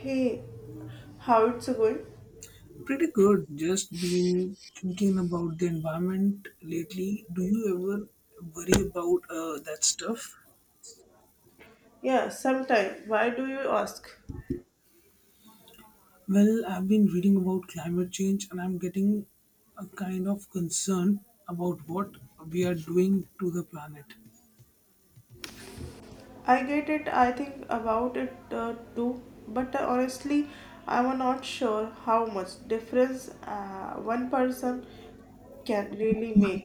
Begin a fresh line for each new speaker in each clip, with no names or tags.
Hey, how it's going?
Pretty good. Just been thinking about the environment lately. Do you ever worry about that stuff?
Yeah, sometime. Why do you ask?
Well, I've been reading about climate change and I'm getting a kind of concern about what we are doing to the planet.
I get it. I think about it too. But honestly, I'm not sure how much difference one person can really make.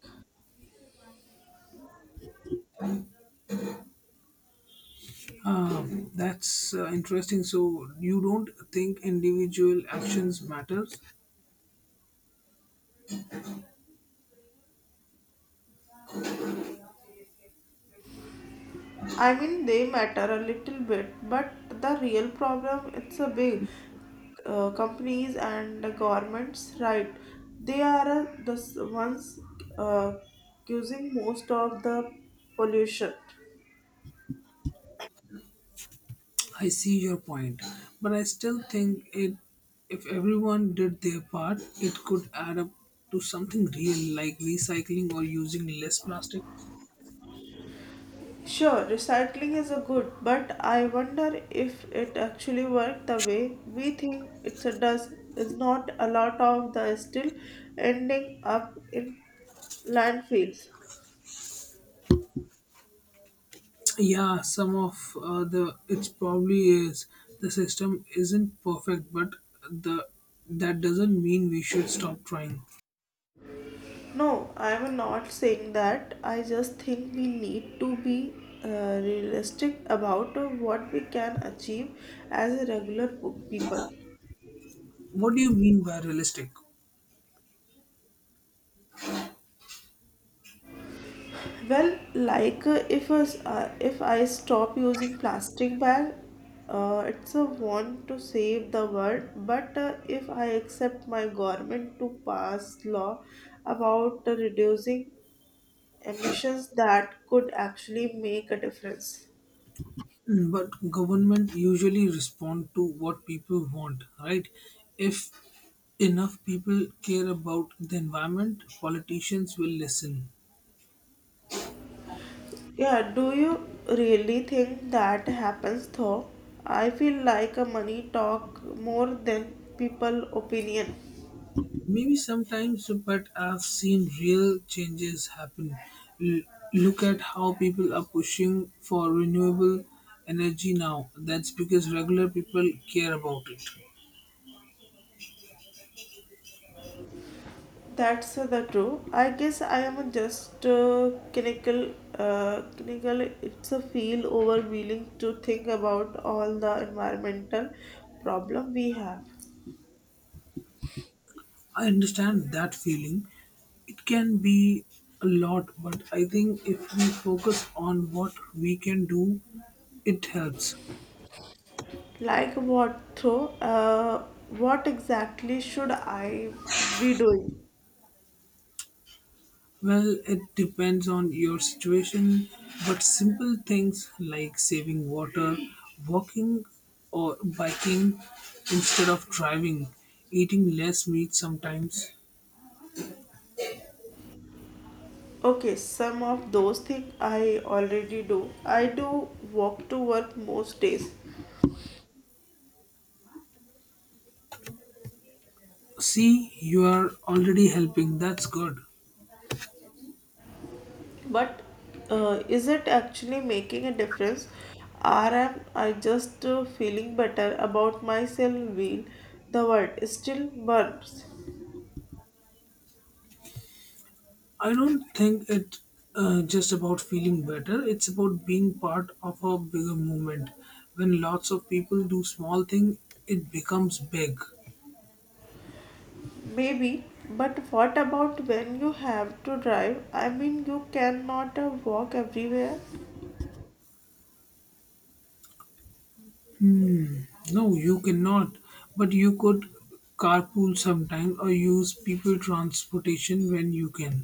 That's interesting. So, you don't think individual actions matters?
I mean, they matter a little bit, but the real problem it's a big companies and the governments, right? They are the ones uh, using most of the pollution.
I see your point, but I still think it if everyone did their part, it could add up to something real like recycling or using less plastic.
Sure, recycling is a good, but I wonder if it actually works the way we think it does. Is not a lot of the still ending up in landfills.
Yeah, some of the it's probably is the system isn't perfect, but the that doesn't mean we should stop trying.
No, I'm not saying that. I just think we need to be realistic about what we can achieve as a regular people.
What do you mean by realistic?
Well, like if us if I stop using plastic bag, it's a want to save the world. But if I accept my government to pass law about reducing emissions, that could actually make a difference.
But government usually respond to what people want, right? If enough people care about the environment, politicians will listen.
Yeah, do you really think that happens though? I feel like a money talk more than people opinion.
Maybe sometimes, but I've seen real changes happen. L- Look at how people are pushing for renewable energy now. That's because regular people care about it.
That's the true. I guess I am just clinical. Clinical. It's a feel overwhelming to think about all the environmental problem we have.
I understand that feeling. It can be a lot, but I think if we focus on what we can do, it helps.
Like what though? What exactly should I be doing?
Well, it depends on your situation, but simple things like saving water, walking or biking instead of driving, eating less meat sometimes.
Okay, some of those things I already do. I do walk to work most days.
See, you are already helping. That's good.
But is it actually making a difference? Or am I just feeling better about myself? Will the word still burns.
I don't think it just about feeling better. It's about being part of a bigger movement. When lots of people do small thing, it becomes big.
Maybe. But what about when you have to drive? I mean, you cannot walk everywhere.
No, you cannot. But you could carpool sometime or use people transportation when you can.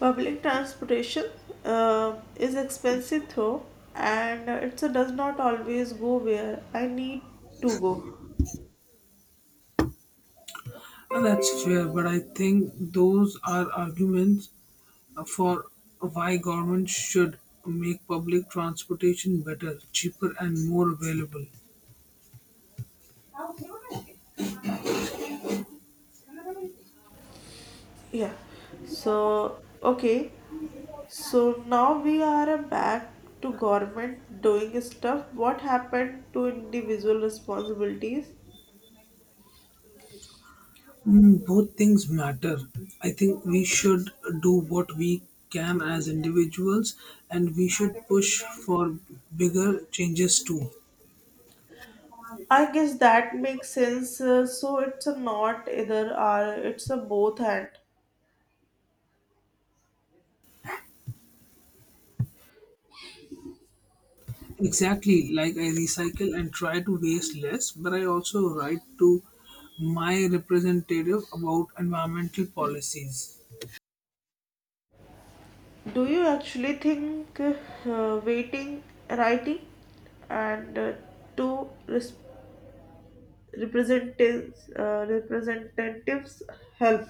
Public transportation is expensive though, and it does not always go where I need to go.
That's fair, but I think those are arguments for why government should make public transportation better, cheaper, and more available.
Yeah. So, okay. So now we are back to government doing stuff. What happened to individual responsibilities?
Both things matter. I think we should do what we can as individuals and we should push for bigger changes too.
I guess that makes sense. So it's a not either or, it's a both and.
Exactly, like I recycle and try to waste less, but I also write to my representative about environmental policies.
Do you actually think waiting, writing, and to representatives help?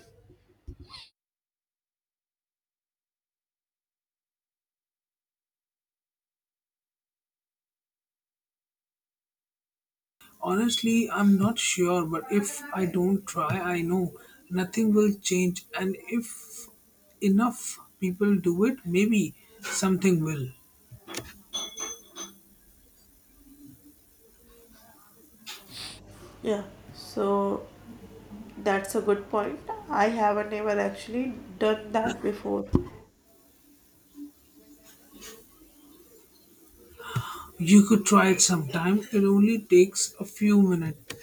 Honestly, I'm not sure, but if I don't try, I know nothing will change, and if enough people do it, maybe something will.
Yeah, so that's a good point. I haven't ever actually done that before.
You could try it sometime. It only takes a few minutes.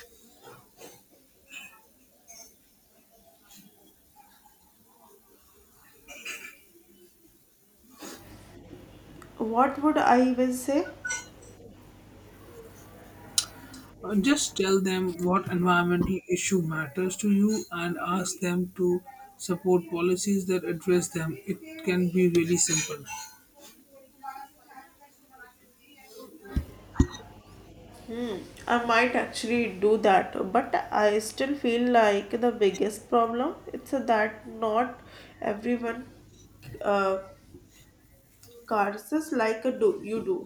What would I even say?
Just tell them what environmental issue matters to you and ask them to support policies that address them. It can be really simple.
I might actually do that, but I still feel like the biggest problem it's that not everyone uh, curses like a do you do.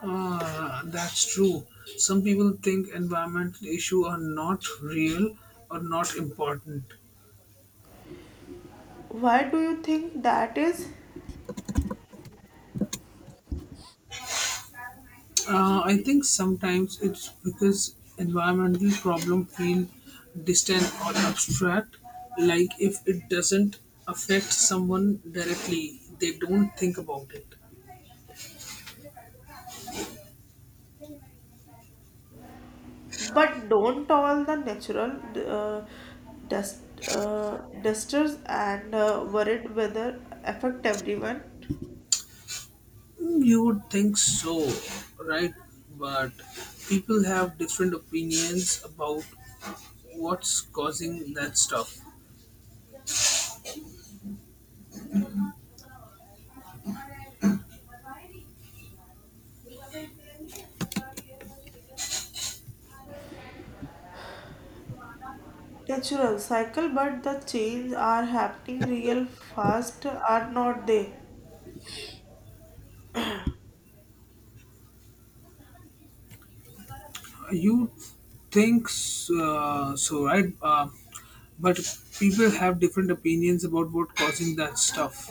Ah, that's true. Some people think environmental issues are not real or not important.
Why do you think that is?
I think sometimes it's because environmental problem feel distant or abstract. Like if it doesn't affect someone directly, they don't think about it.
But don't all the natural uh, dust dusters and worried whether affect everyone.
You would think so, right? But people have different opinions about what's causing that stuff.
Natural cycle, but the change are happening real fast, are not they?
You think so, right? But people have different opinions about what causing that stuff.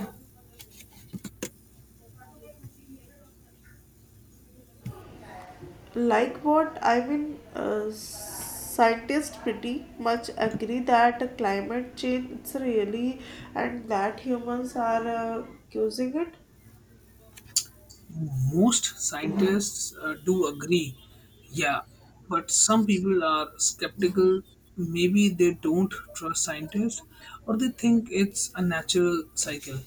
Like what I've been scientists pretty much agree that climate change it's really and that humans are causing it.
Most scientists do agree, yeah, but some people are skeptical. Maybe they don't trust scientists or they think it's a natural cycle.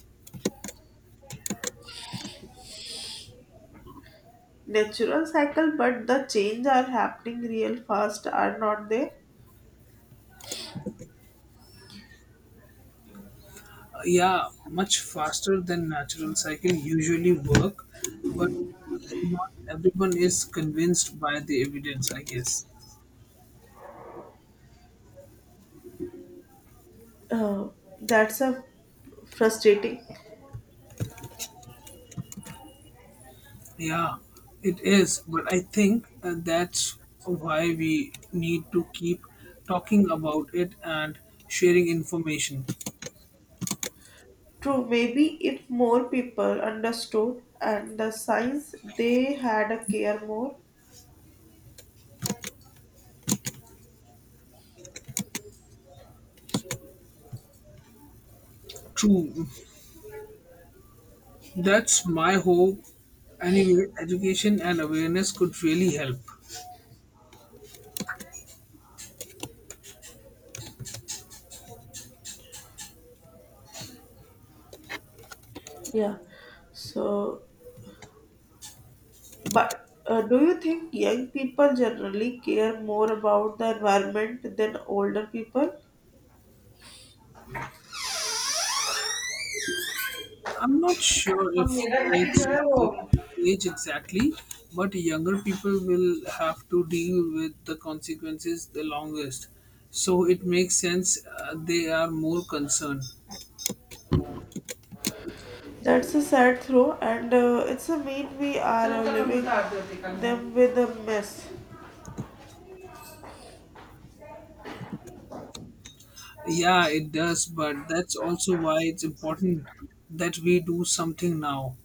Natural cycle but the change are happening real fast are not they.
Yeah, much faster than natural cycle usually work, but not everyone is convinced by the evidence, I guess.
uh, that's a frustrating
Yeah, it is, but I think that's why we need to keep talking about it and sharing information.
true. Maybe if more people understood and the science they had a care more.
True, that's my hope. Anyway, education and awareness could really help.
Yeah, so but do you think young people generally care more about the environment than older people?
I'm not sure if it's about age exactly, but younger people will have to deal with the consequences the longest. So it makes sense they are more concerned.
That's a sad throw, and it's a mean we are living them with a mess.
Yeah, it does, but that's also why it's important that we do something now.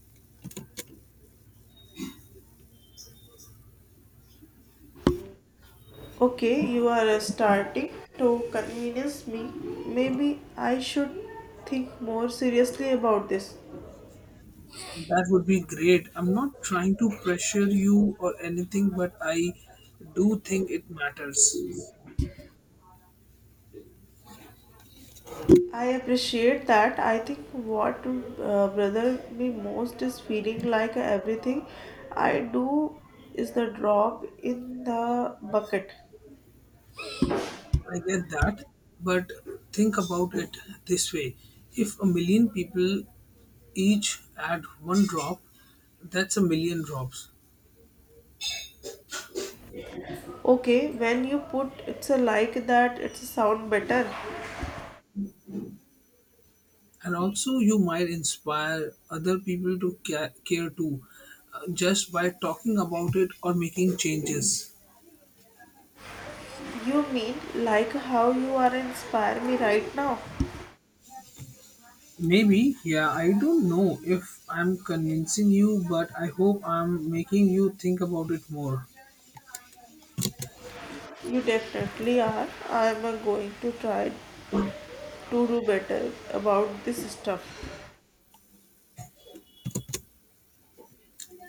Okay, you are starting to convince me. Maybe I should think more seriously about this.
That would be great. I'm not trying to pressure you or anything, but I do think it matters.
I appreciate that. I think what brother me most is feeling like everything I do is the drop in the bucket.
I get that, but think about it this way. If a million people each add one drop, that's a million drops.
Okay, when you put it's a like that, it's a sound better.
And also, you might inspire other people to care too, just by talking about it or making changes.
You mean like how you are inspire me right now?
Maybe, yeah, I don't know if I'm convincing you, but I hope I'm making you think about it more.
You definitely are. I am going to try to do better about this stuff.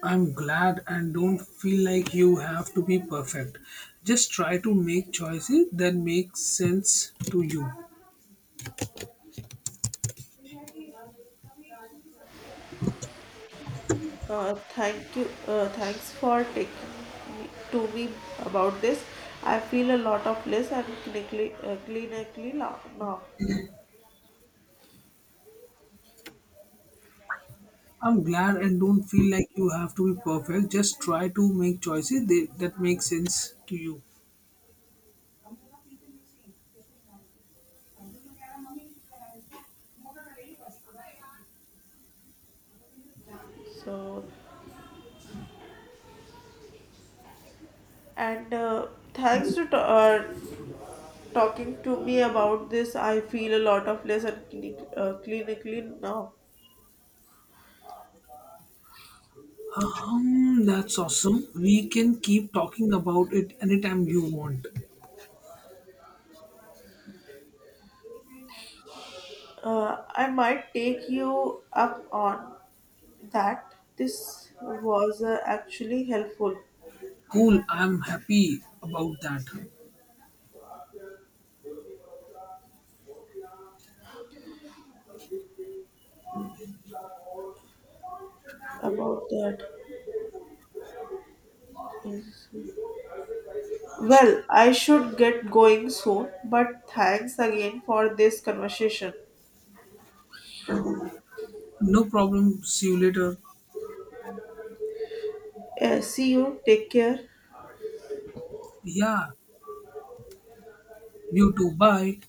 I'm glad and don't feel like you have to be perfect. Just try to make choices that make sense to you.
Thank you. Thanks for taking me, to me about this. I feel a lot of bliss and clinically, clinically now.
I'm glad and don't feel like you have to be perfect. Just try to make choices that make sense to you.
So, and thanks to talking to me about this. I feel a lot of bliss and clinic, clinically now.
That's awesome. We can keep talking about it anytime you want.
I might take you up on that. This was actually helpful
Cool, I'm happy about that.
about that. Yes. Well, I should get going soon, but thanks again for this conversation.
No problem. See you later.
See you. Take care.
Yeah, you too. Bye.